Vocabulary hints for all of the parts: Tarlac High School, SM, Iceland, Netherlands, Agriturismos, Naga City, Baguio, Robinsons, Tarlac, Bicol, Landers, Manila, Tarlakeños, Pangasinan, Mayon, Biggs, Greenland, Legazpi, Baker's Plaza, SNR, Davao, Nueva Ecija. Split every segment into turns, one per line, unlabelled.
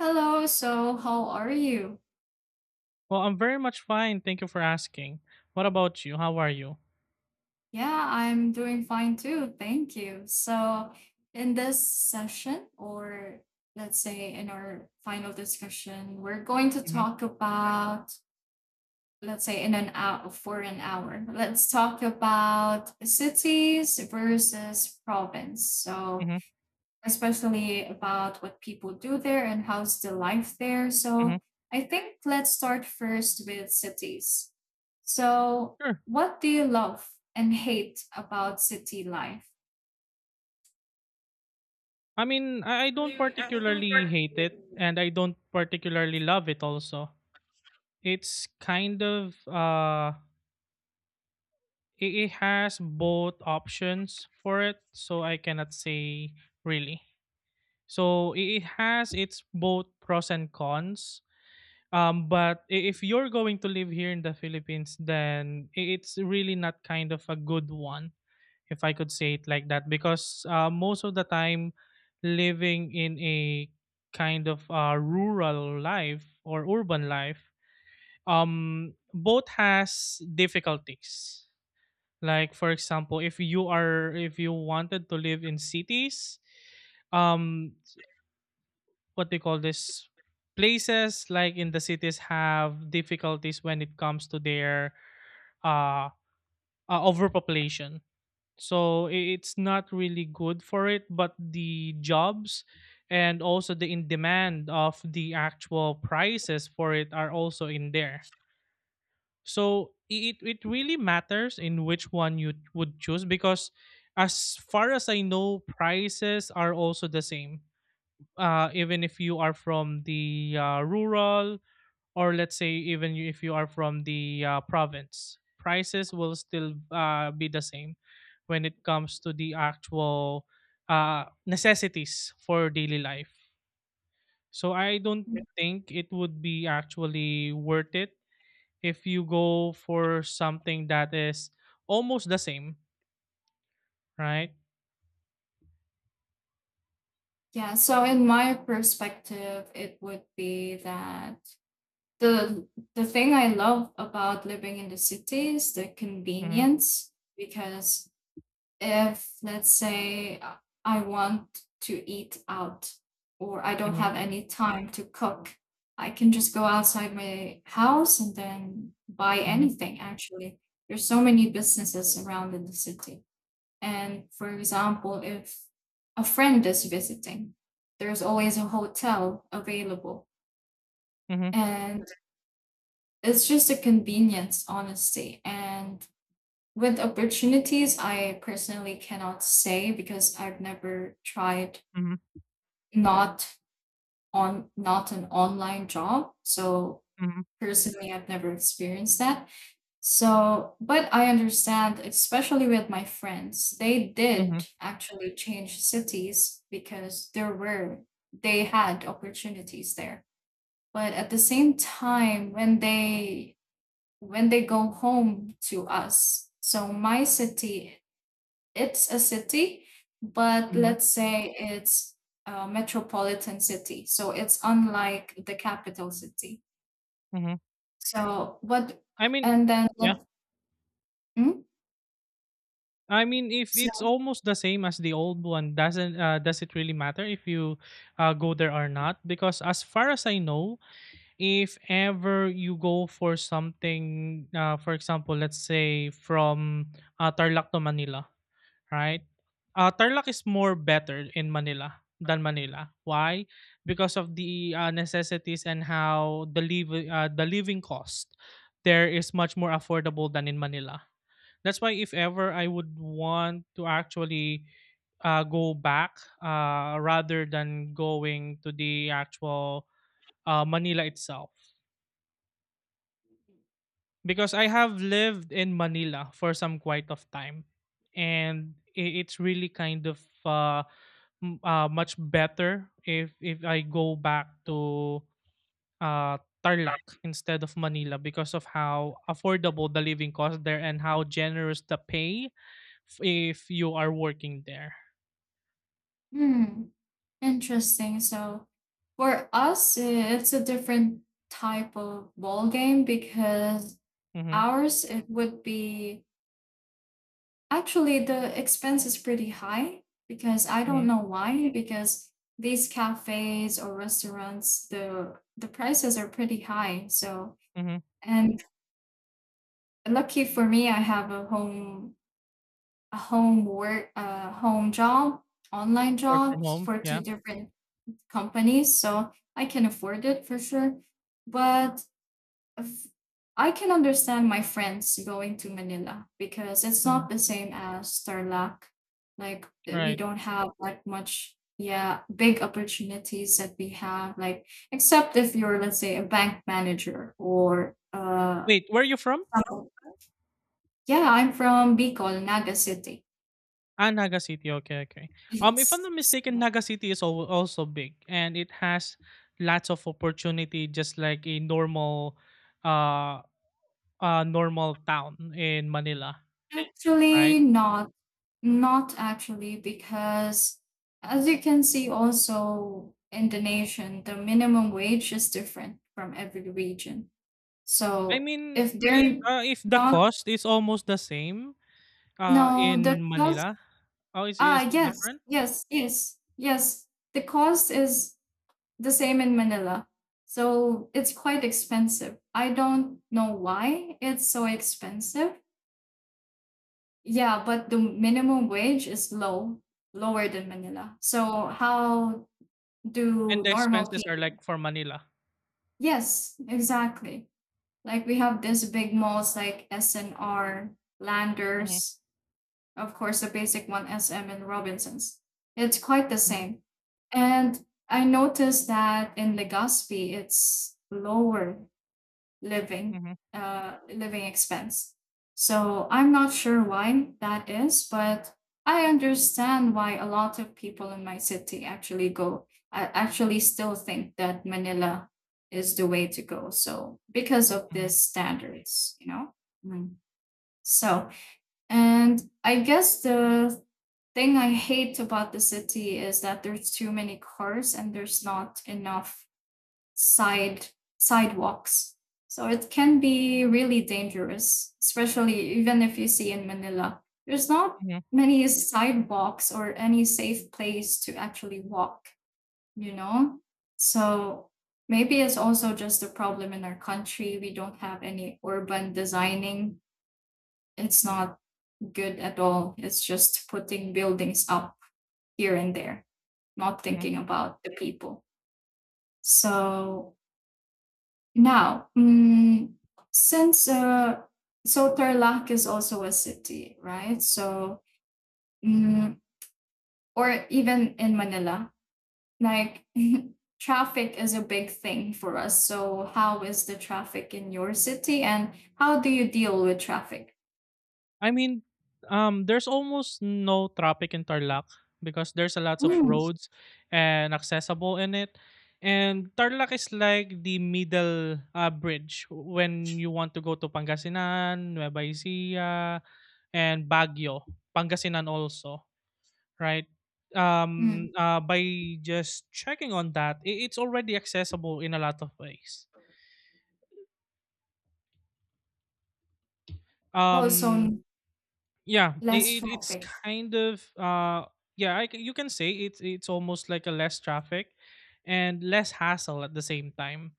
Hello, so how are you?
Well, I'm very much fine. Thank you for asking. What about you? How are you?
Yeah, I'm doing fine too. Thank you. So, in this session, or let's say in our final discussion, we're going to
hmm
talk about, let's say, in an hour for an hour, let's talk about cities versus province. So,
hmm
especially about what people do there and how's the life there.
hmm
So I think let's start first with cities. So,
Sure.
what do you love and hate about city life?
I mean, I don't particularly hate it, and I don't particularly love it. Also, it's kind of it has both options for it, so I cannot say really. So it has its both pros and cons. But if you're going to live here in the Philippines, then it's really not kind of a good one, if I could say it like that, because most of the time, living in a rural life or urban life, both has difficulties, like for example, if you wanted to live in cities, um what they call this places like in the cities have difficulties when it comes to their uh, overpopulation, so it's not really good for it, but the jobs and also the in demand of the actual prices for it are also in there. So it really matters in which one you would choose, because as far as I know, prices are also the same. Even if you are from the rural, or let's say even if you are from the province, prices will still be the same when it comes to the actual necessities for daily life. So I don't think it would be actually worth it if you go for something that is almost the same, right?
Yeah, so in my perspective, it would be that the the thing I love about living in the city is the
Mhm,
convenience because if let's say I want to eat out or I don't
mhm,
have any time to cook, I can just go outside my house and then buy
mhm,
anything actually. There's so many businesses around in the city. And for example, if a friend is visiting, there's always a hotel available.
mhm,
And it's just a convenience, honestly. And with opportunities, I personally cannot say because I've never tried
mhm,
not not an online job. So
mhm,
personally, I've never experienced that. So, but I understand, especially with my friends, they
mhm,
did actually change cities because there were they had opportunities there. But at the same time, when they go home to us, so my city, it's a city, but
mhm,
let's say it's a metropolitan city. So it's unlike the capital city.
mhm.
So what,
I mean,
and then,
yeah.
hmm?
I mean, if it's
So,
almost the same as the old one, doesn't does it really matter if you go there or not? Because as far as I know, if ever you go for something, for example, let's say from Tarlac to Manila, right? Tarlac is more better in Manila than Manila. Why? Because of the necessities and how the live the living cost there is much more affordable than in Manila. That's why if ever I would want to actually go back, rather than going to the actual Manila itself. Because I have lived in Manila for some quite of time, and it's really kind of much better if I go back to uh, Tarlac instead of Manila, because of how affordable the living cost there and how generous the pay if you are working there.
hmm, interesting. So for us, eh, it's a different type of ball game because
Mm-hmm,
ours, it would be actually, the expense is pretty high because I
mm-hmm,
don't know why, because these cafes or restaurants, the prices are pretty high. So,
mm-hmm.
and lucky for me, I have a home work home job, online
Work from
jobs
home,
for two
yeah.
different companies, so I can afford it for sure. But I can understand my friends going to Manila because it's not
Mm-hmm.
the same as Tarlac. Like we
Right.
don't have that much, yeah, big opportunities that we have. Like except if you're, let's say, a bank manager or
Wait, where are you from?
some- yeah, I'm from Bicol, Naga City.
Ah, Naga City. Okay, okay. If I'm
It's
not mistaken, Naga City is also big and it has lots of opportunity, just like a normal, uh, normal town in Manila, right?
actually not. Not actually, because as you can see also in the nation, the minimum wage is different from every region.
I
So
mean,
if they're. Really?
if the
Not,
cost is almost the same, uh,
no,
in
the cost,
Manila? Oh, is
ah,
it
yes,
different?
yes, yes, yes. The cost is the same in Manila. So it's quite expensive. I don't know why it's so expensive. Yeah, but the minimum wage is low, lower than Manila. So how
And
do
the
normal
expenses are
people.
like for Manila.
Yes, exactly. Like we have these big malls like SNR,
Mhm,
Landers, of course the basic one SM and Robinsons. It's quite the
mhm,
same. And I noticed that in Legazpi it's lower living
mhm,
living expense. So I'm not sure why that is, but I understand why a lot of people in my city actually go. I actually still think that Manila is the way to go. So because of
mhm,
these standards, you know. Mm. So and I guess the thing I hate about the city is that there's too many cars and there's not enough side sidewalks. So it can be really dangerous, especially even if you see in Manila. There's not
mhm, mhm,
many sidewalks or any safe place to actually walk, you know? So maybe it's also just a problem in our country. We don't have any urban designing. It's not good at all. It's just putting buildings up here and there, not
mhm.
thinking about the people. So now, since so Tarlac is also a city, right? So, mm, or even in Manila, like traffic is a big thing for us. So, how is the traffic in your city, and how do you deal with traffic?
I mean, there's almost no traffic in Tarlac because there's a lot of
Mm.
roads and accessible in it. And Tarlac is like the middle bridge when you want to go to Pangasinan, Nueva Ecija, and Baguio. Pangasinan also, right?
Mm.
By just checking on that, it's already accessible in a lot of ways.
Oh, so
Um,
less
it's
traffic.
kind of yeah I, c- you can say it's almost like a less traffic and less hassle at the same time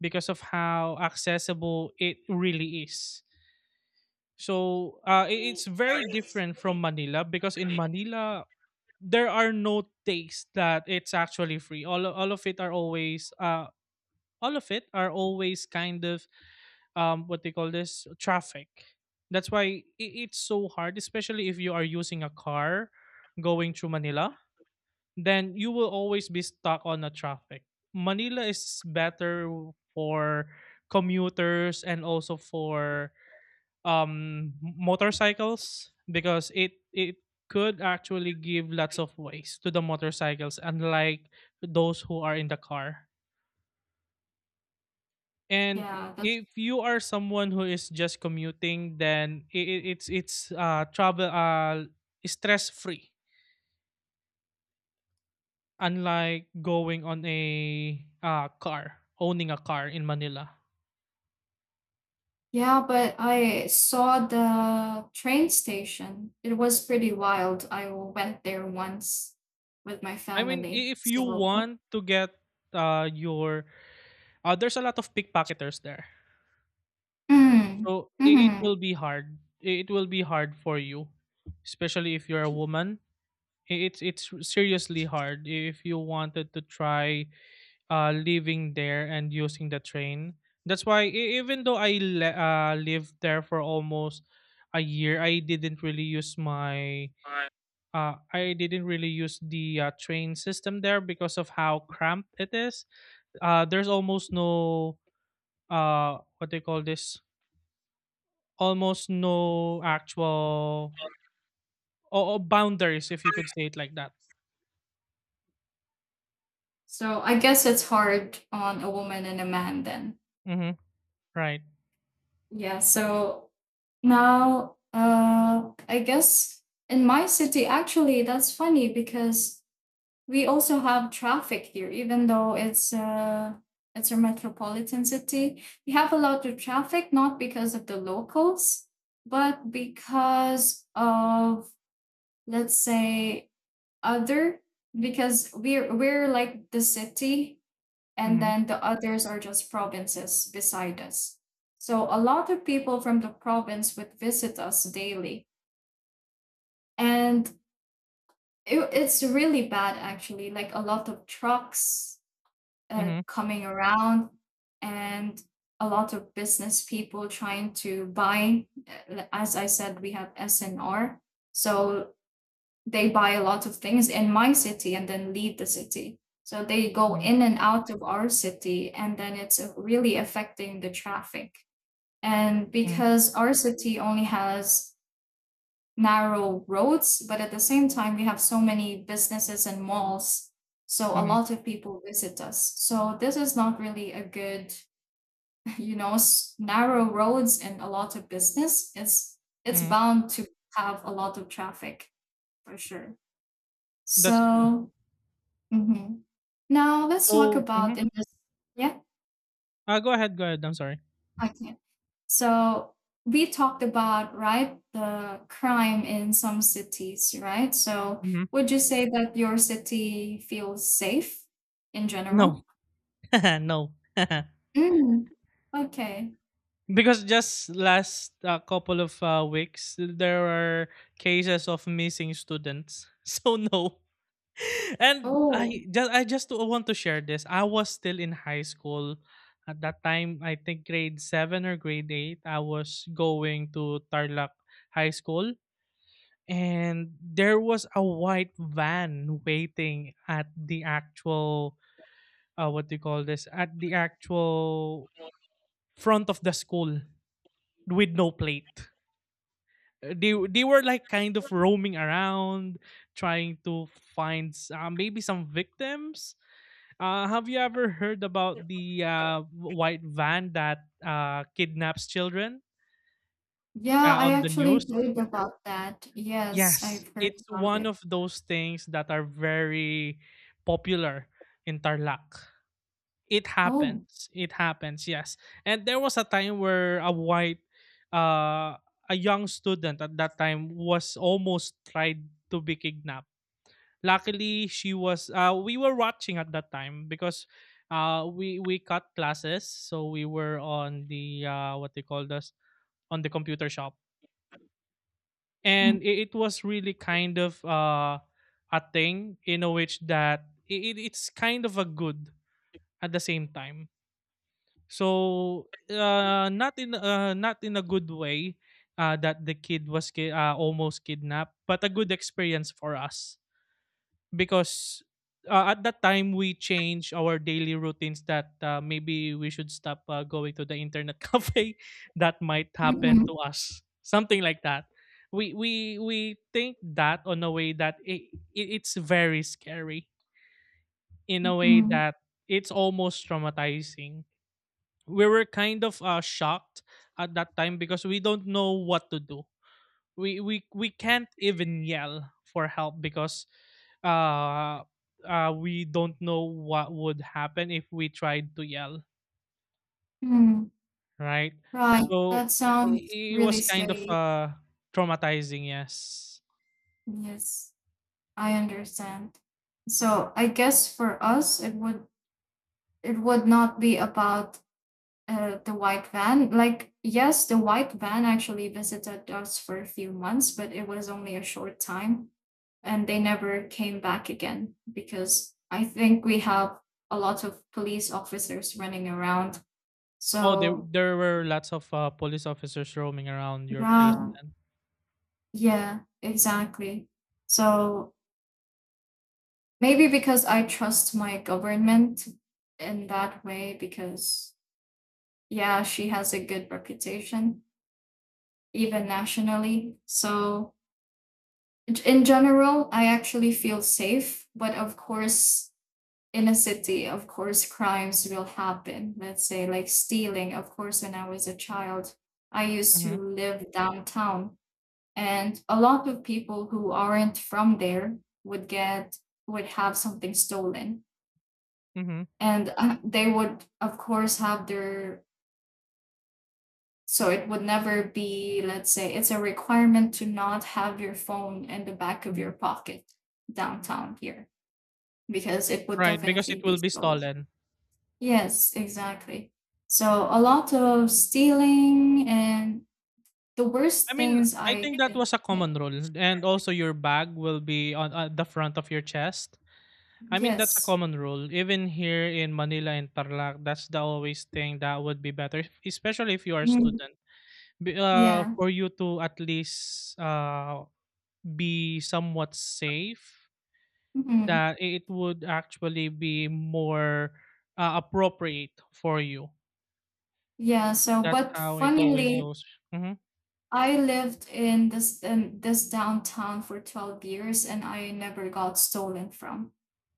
because of how accessible it really is. So it's very different from Manila, because in Manila there are no days that it's actually free. All of it are always kind of what they call this traffic. That's why it's so hard, especially if you are using a car going through Manila, then you will always be stuck on a traffic. Manila is better for commuters and also for um motorcycles, because it could actually give lots of ways to the motorcycles, unlike those who are in the car. And
Yeah, that's.
if you are someone who is just commuting, then it it's travel stress free, unlike going on a car, owning a car in Manila.
Yeah, but I saw the train station. It was pretty wild. I went there once with my
I mean,
family.
if you
So,
want to get your there's a lot of pickpocketers there,
mm,
so it
hmm,
will be hard. It will be hard for you, especially if you're a woman. It's seriously hard if you wanted to try living there and using the train. That's why even though I lived there for almost a year, I didn't really use my I didn't really use the train system there because of how cramped it is. There's almost no what they call this, almost no actual or boundaries, if you could say it like that.
so I guess it's hard on a woman and a man then.
Mm-hmm. Right.
Yeah, so now, I guess in my city, actually, that's funny because we also have traffic here, even though it's a metropolitan city. We have a lot of traffic, not because of the locals, but because of let's say other because we're like the city and
Mm-hmm.
then the others are just provinces beside us, so a lot of people from the province would visit us daily and it's really bad actually like a lot of trucks
Mm-hmm.
coming around and a lot of business people trying to buy. As I said we have SNR, so they buy a lot of things in my city and then leave the city, so they go
Mm-hmm.
in and out of our city and then it's really affecting the traffic, and
Mm-hmm.
because our city only has narrow roads, but at the same time, we have so many businesses and malls. So a
Mm-hmm.
lot of people visit us. So this is not really a good, you know, narrow roads and a lot of business. It's
Mm-hmm.
bound to have a lot of traffic for sure.
That's true.
So mhm. Now let's talk
So. Mm-hmm.
about in this. Yeah,
Go ahead, go ahead. I'm sorry.
I can. So we talked about, right, the crime in some cities, right? So
hmm
would you say that your city feels safe in
No,
general?
no.
Mm, okay.
Because just last couple of weeks, there were cases of missing students. So no, and
Oh,
I just want to share this. I was still in high school at that time. I think grade seven or grade eight. I was going to Tarlac High School, and there was a white van waiting at the actual what do you call this at the actual front of the school with no plate. They were like kind of roaming around, trying to find maybe some victims. Have you ever heard about the white van that kidnaps children
yeah, I
on the
actually
news?
heard about that. Yes,
Yes,
I've heard
it's
about
one
it.
of those things that are very popular in Tarlac. it
Oh,
happens it happens yes. And there was a time where a white uh a young student at that time was almost tried to be kidnapped. Luckily, she was we were watching at that time because we cut classes, so we were on the what they called us on the computer shop.
mm,
And it was really kind of a thing in a which that it's kind of a good at the same time. So, not in not in a good way that the kid was almost kidnapped, but a good experience for us because at that time we changed our daily routines, that maybe we should stop going to the internet cafe. That might happen
mm-hmm,
to us, something like that. We think that on a way that it's very scary, in a way
mm-hmm,
that it's almost traumatizing. We were kind of shocked at that time because we don't know what to do. We can't even yell for help because uh we don't know what would happen if we tried to yell,
mm.
right?
Right.
So
That sounds
it
really
was kind of
scary.
traumatizing, yes.
Yes, I understand. So I guess for us, it would, it would not be about the white van. Like, yes, the white van actually visited us for a few months, but it was only a short time. And they never came back again because I think we have a lot of police officers running around.
Oh, there
So,
there were lots of police officers roaming around your place
yeah,
then.
yeah, exactly. So maybe because I trust my government in that way, because, yeah, she has a good reputation, even nationally. So in general, I actually feel safe, but of course, in a city, of course, crimes will happen. Let's say, like stealing. Of course, when I was a child, I used to
Mhm.
live downtown, and a lot of people who aren't from there would get, would have something stolen.
Mhm.
And they would, of course, have their. So it would never be, let's say, it's a requirement to not have your phone in the back of your
Mhm.
pocket downtown here because it would
Right, because it
definitely
will
be
be
sold.
stolen.
Yes, exactly. So a lot of stealing and the
I
worst
mean,
things
I
I
think that
could.
was a common rule, and also your bag will be on the front of your chest. I mean, that's a
Yes.
common rule. Even here in Manila and Tarlac, that's the always thing that would be better, especially if you are a
Mm.
student.
Yeah.
For you to at least be somewhat safe,
Hmm.
that it would actually be more appropriate for you.
Yeah. So,
That's
but
how it always
funnily,
goes. hmm
I lived in this downtown for 12 years and I never got stolen from.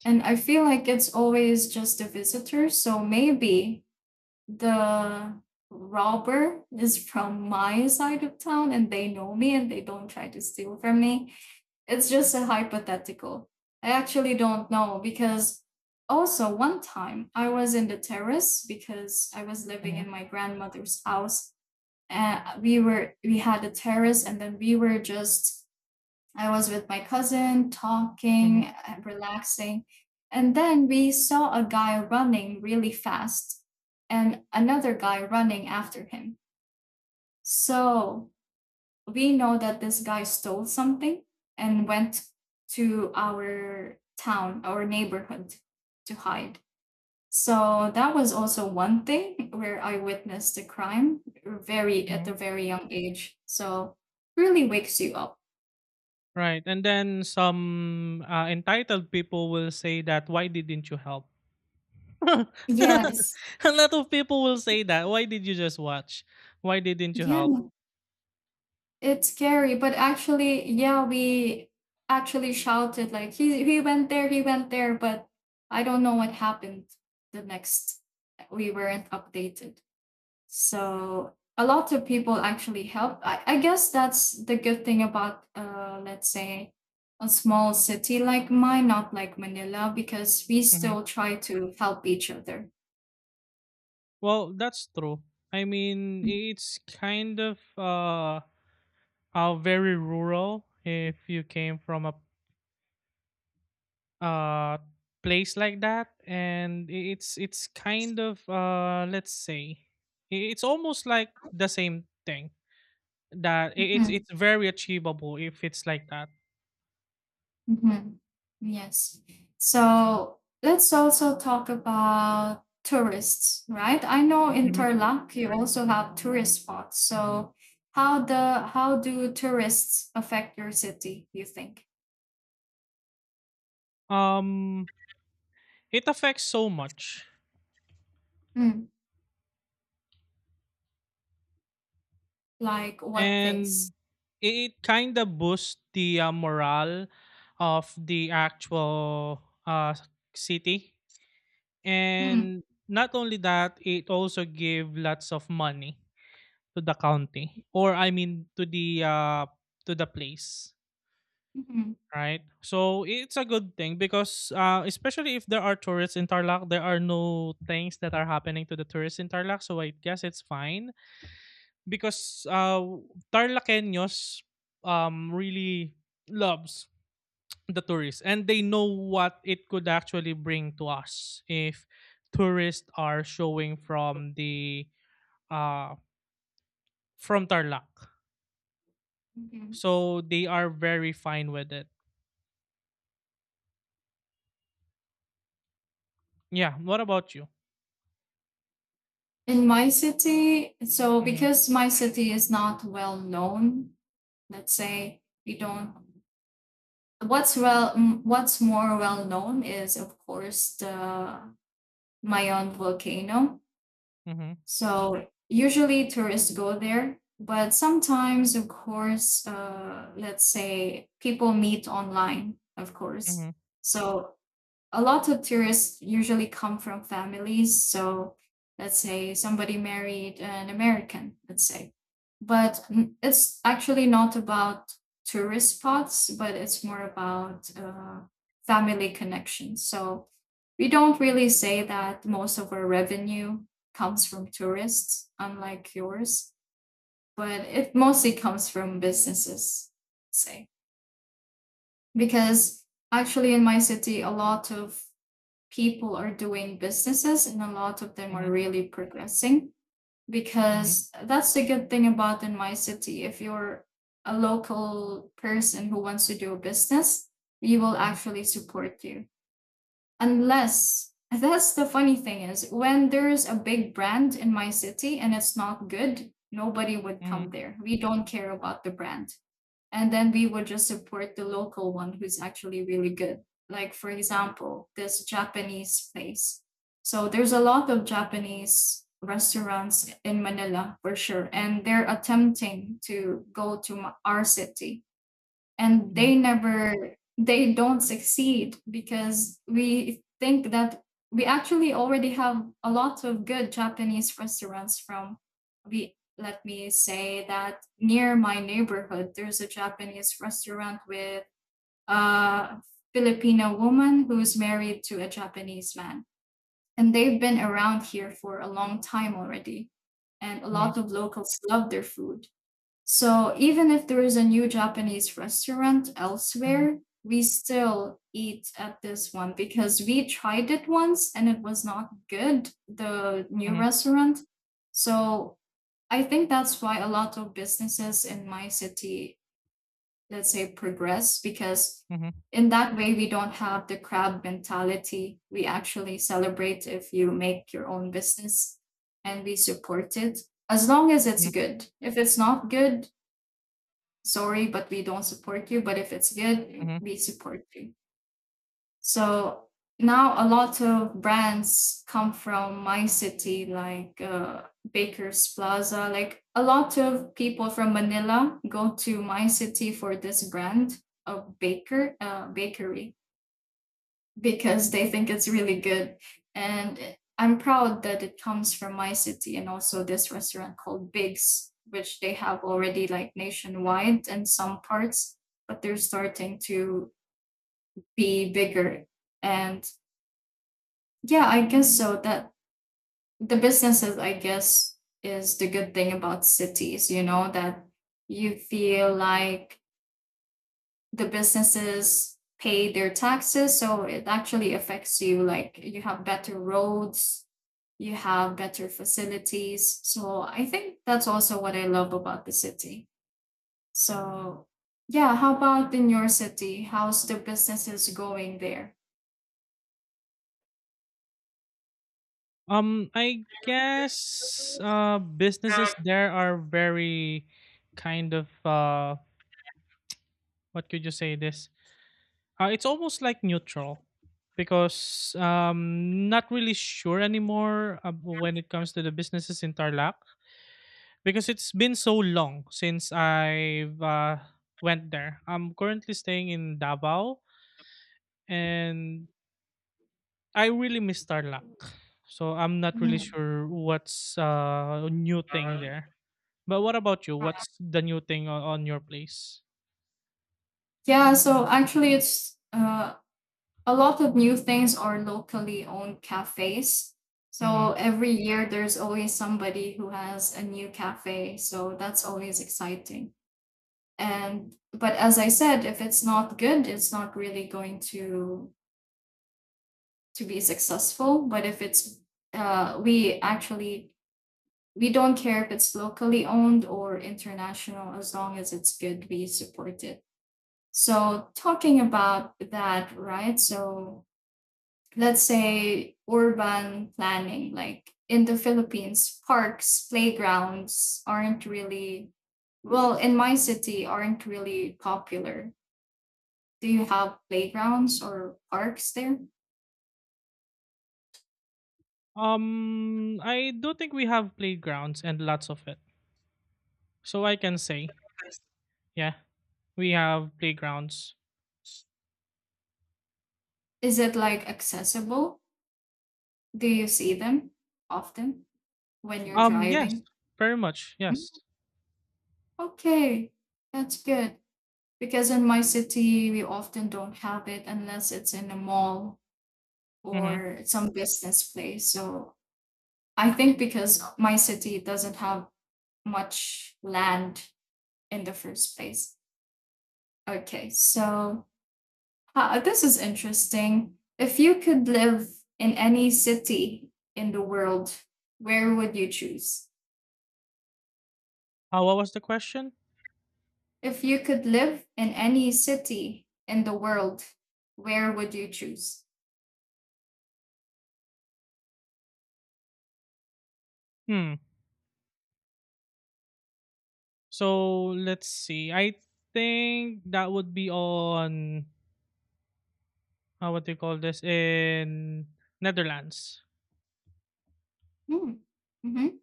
And I feel like it's always just a visitor, so maybe the robber is from my side of town and they know me and they don't try to steal from me. It's just a hypothetical. I actually don't know because also one time I was in the terrace because I was living
hmm
in my grandmother's house and we had a terrace and then we were just, I was with my cousin
hmm
talking and relaxing and then we saw a guy running really fast and another guy running after him, so we know that this guy stole something and went to our neighborhood to hide. So that was also one thing where I witnessed the crime very at a
hmm
very young age. So really wakes you up.
Right. And then some entitled people will say that, why didn't you help? A
Yes.
lot of people will say that. Why did you just watch? Why didn't you help?
Yeah, it's scary, but actually, yeah, we actually shouted like he went there, but I don't know what happened the next. We weren't updated. So a lot of people actually help. I guess that's the good thing about let's say a small city like mine, not like Manila, because we
hmm
still try to help each other.
Well, that's true. I mean, it's kind of very rural if you came from a uh place like that, and it's kind of, let's say, it's almost like the same thing that it's
Mhm,
it's very achievable if it's like that.
mhm. Yes. So let's also talk about tourists, right? I know in
Mhm.
Tarlac you also have tourist spots. So how the how do tourists affect your city, you think?
Um, it affects so much,
Mm. Like what things?
and it kind of boosts the morale of the actual uh, city,
Mm,
and not only that, it also give lots of money to the county, or I mean to the place,
mhm,
right? So it's a good thing because especially if there are tourists in Tarlac, there are no things that are happening to the tourists in Tarlac, so I guess it's fine. Because Tarlakeños really loves the tourists, and they know what it could actually bring to us if tourists are showing from the uh, from Tarlac.
mhm.
So they are very fine with it. Yeah. What about you?
In my city, so
Mhm,
because my city is not well known, let's say we don't. What's well, mm, what's more well known is of course the Mayon volcano.
mhm,
So usually tourists go there, but sometimes, of course, let's say people meet online, of course.
mhm,
So a lot of tourists usually come from families. So let's say somebody married an American, let's say. But it's actually not about tourist spots, but it's more about family connections. So we don't really say that most of our revenue comes from tourists, unlike yours, but it mostly comes from businesses, say. Because actually in my city, a lot of people are doing businesses and a lot of them are
mhm,
really progressing
mhm,
because that's the good thing about in my city. If you're a local person who wants to do a business, we will
mhm,
actually support you. Unless, that's the funny thing, is when there's a big brand in my city and it's not good, nobody would
mhm,
come there. We don't care about the brand, and then we would just support the local one who's actually really good. Like for example, this Japanese place. So there's a lot of Japanese restaurants in Manila for sure, and they're attempting to go to our city, and
mhm,
they don't succeed because we think that we actually already have a lot of good Japanese restaurants from, we let me say that near my neighborhood there's a Japanese restaurant with a Filipino woman who's married to a Japanese man, and they've been around here for a long time already, and a
mhm,
lot of locals love their food. So even if there is a new Japanese restaurant
mhm,
elsewhere, we still eat at this one because we tried it once and it was not good, the new
mhm,
restaurant. So I think that's why a lot of businesses in my city, let's say, progress, because
mhm,
in that way we don't have the crab mentality. We actually celebrate if you make your own business and we support it, as long as it's
mhm,
good. If it's not good, sorry, but we don't support you. But if it's good,
mhm.
we support you. So now a lot of brands come from my city, like Baker's Plaza. Like a lot of people from Manila go to my city for this brand of bakery because they think it's really good. And I'm proud that it comes from my city, and also this restaurant called Biggs, which they have already like nationwide in some parts, but they're starting to be bigger. And yeah, I guess so that the businesses, I guess, is the good thing about cities, that you feel like the businesses pay their taxes, so it actually affects you. Like you have better roads, you have better facilities. So I think that's also what I love about the city. So yeah, how about in your city? How's the businesses going there?
I guess businesses there are very kind of what could you say this? It's almost like neutral, because not really sure anymore when it comes to the businesses in Tarlac, because it's been so long since I've went there. I'm currently staying in Davao, and I really miss Tarlac. So I'm not really
Mm.
sure what's new thing there. But what about you? What's the new thing on your place?
Yeah, so actually it's a lot of new things are locally owned cafes.
hmm
So every year there's always somebody who has a new cafe. So that's always exciting. And but as I said, if it's not good, it's not really going to be successful. But if it's we actually, we don't care if it's locally owned or international, as long as it's good, we support it. So talking about that, right? So let's say urban planning, like in the Philippines, parks, playgrounds aren't really, well, in my city aren't really popular. Do you have playgrounds or parks there?
I do think we have playgrounds and lots of it. So I can say, yeah, we have playgrounds.
Is it like accessible? Do you see them often when you're
Yes,
driving?
very much.
Mm,
Yes.
okay, that's good. Because in my city we often don't have it unless it's in a mall
Mm-hmm.
or some business place. So I think because my city doesn't have much land in the first place. Okay, so this is interesting. If you could live in any city in the world, where would you choose?
What was the question?
If you could live in any city in the world, where would you choose?
Hmm. So let's see. I think that would be on what do you call this in Netherlands.
Mm. Hmm. Mm-hmm.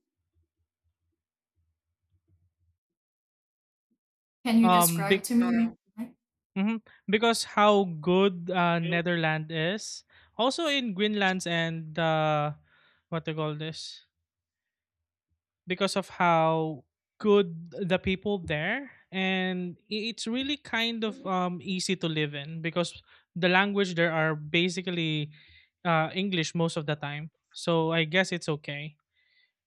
Can you
um
describe
be-
to me?
mhm, because how good Netherlands is, also in Greenland's and what they call this because of how good the people there, and it's really kind of easy to live in, because the language there are basically English most of the time, so I guess it's okay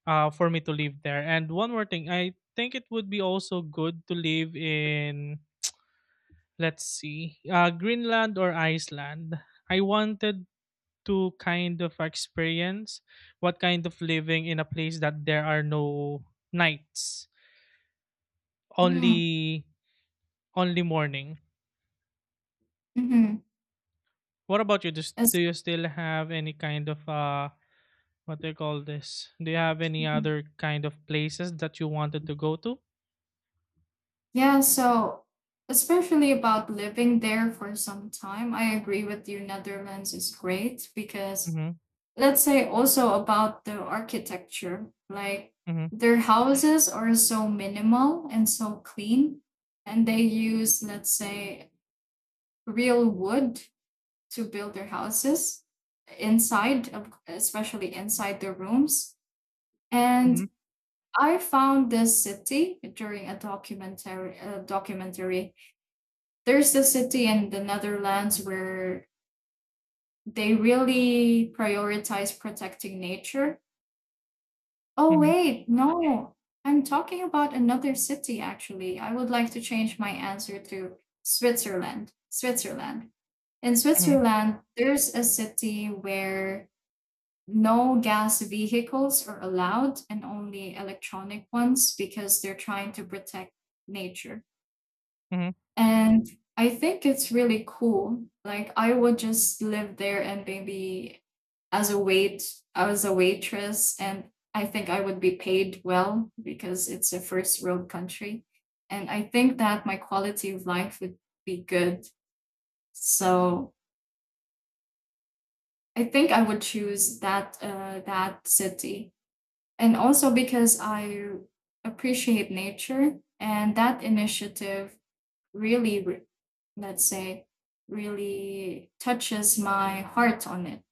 for me to live there. And one more thing, I think it would be also good to live in, let's see, Greenland or Iceland. I wanted to kind of experience what kind of living in a place that there are no nights,
Mm.
only only morning.
Mm-hmm.
What about you? Does
As-
Do you still have any kind of what do you call this do you have any
mm-hmm.
other kind of places that you wanted to go to?
Yeah, so especially about living there for some time, I agree with you. Netherlands is great because,
Mm-hmm,
let's say, also about the architecture, like
mm-hmm,
their houses are so minimal and so clean, and they use, let's say, real wood to build their houses inside, especially inside the rooms.
mm-hmm,
And I found this city during a documentary, a documentary, there's a city in the Netherlands where they really prioritize protecting nature. Oh,
mm-hmm,
wait, no, I'm talking about another city actually. I would like to change my answer to Switzerland. Switzerland. In
mm-hmm,
Switzerland, there's a city where no gas vehicles are allowed and only electronic ones, because they're trying to protect nature.
mm-hmm.
And I think it's really cool. Like I would just live there and maybe as a wait I was a waitress, and I think I would be paid well because it's a first world country. And I think that my quality of life would be good. So I think I would choose that that city. And also because I appreciate nature and that initiative really re- let's say really touches my heart on it.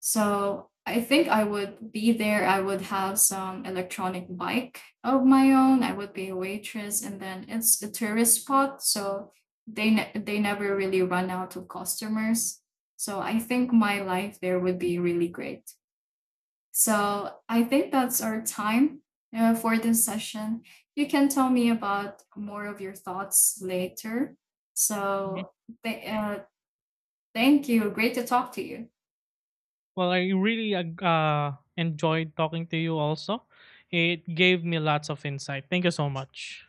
So I think I would be there. I would have some electronic bike of my own. I would be a waitress, and then it's a tourist spot, so they never really run out of customers. So I think my life there would be really great. So I think that's our time for this session. You can tell me about more of your thoughts later. So th- uh, thank you. Great to talk to you.
Well, I really enjoyed talking to you also. It gave me lots of insight. Thank you so much.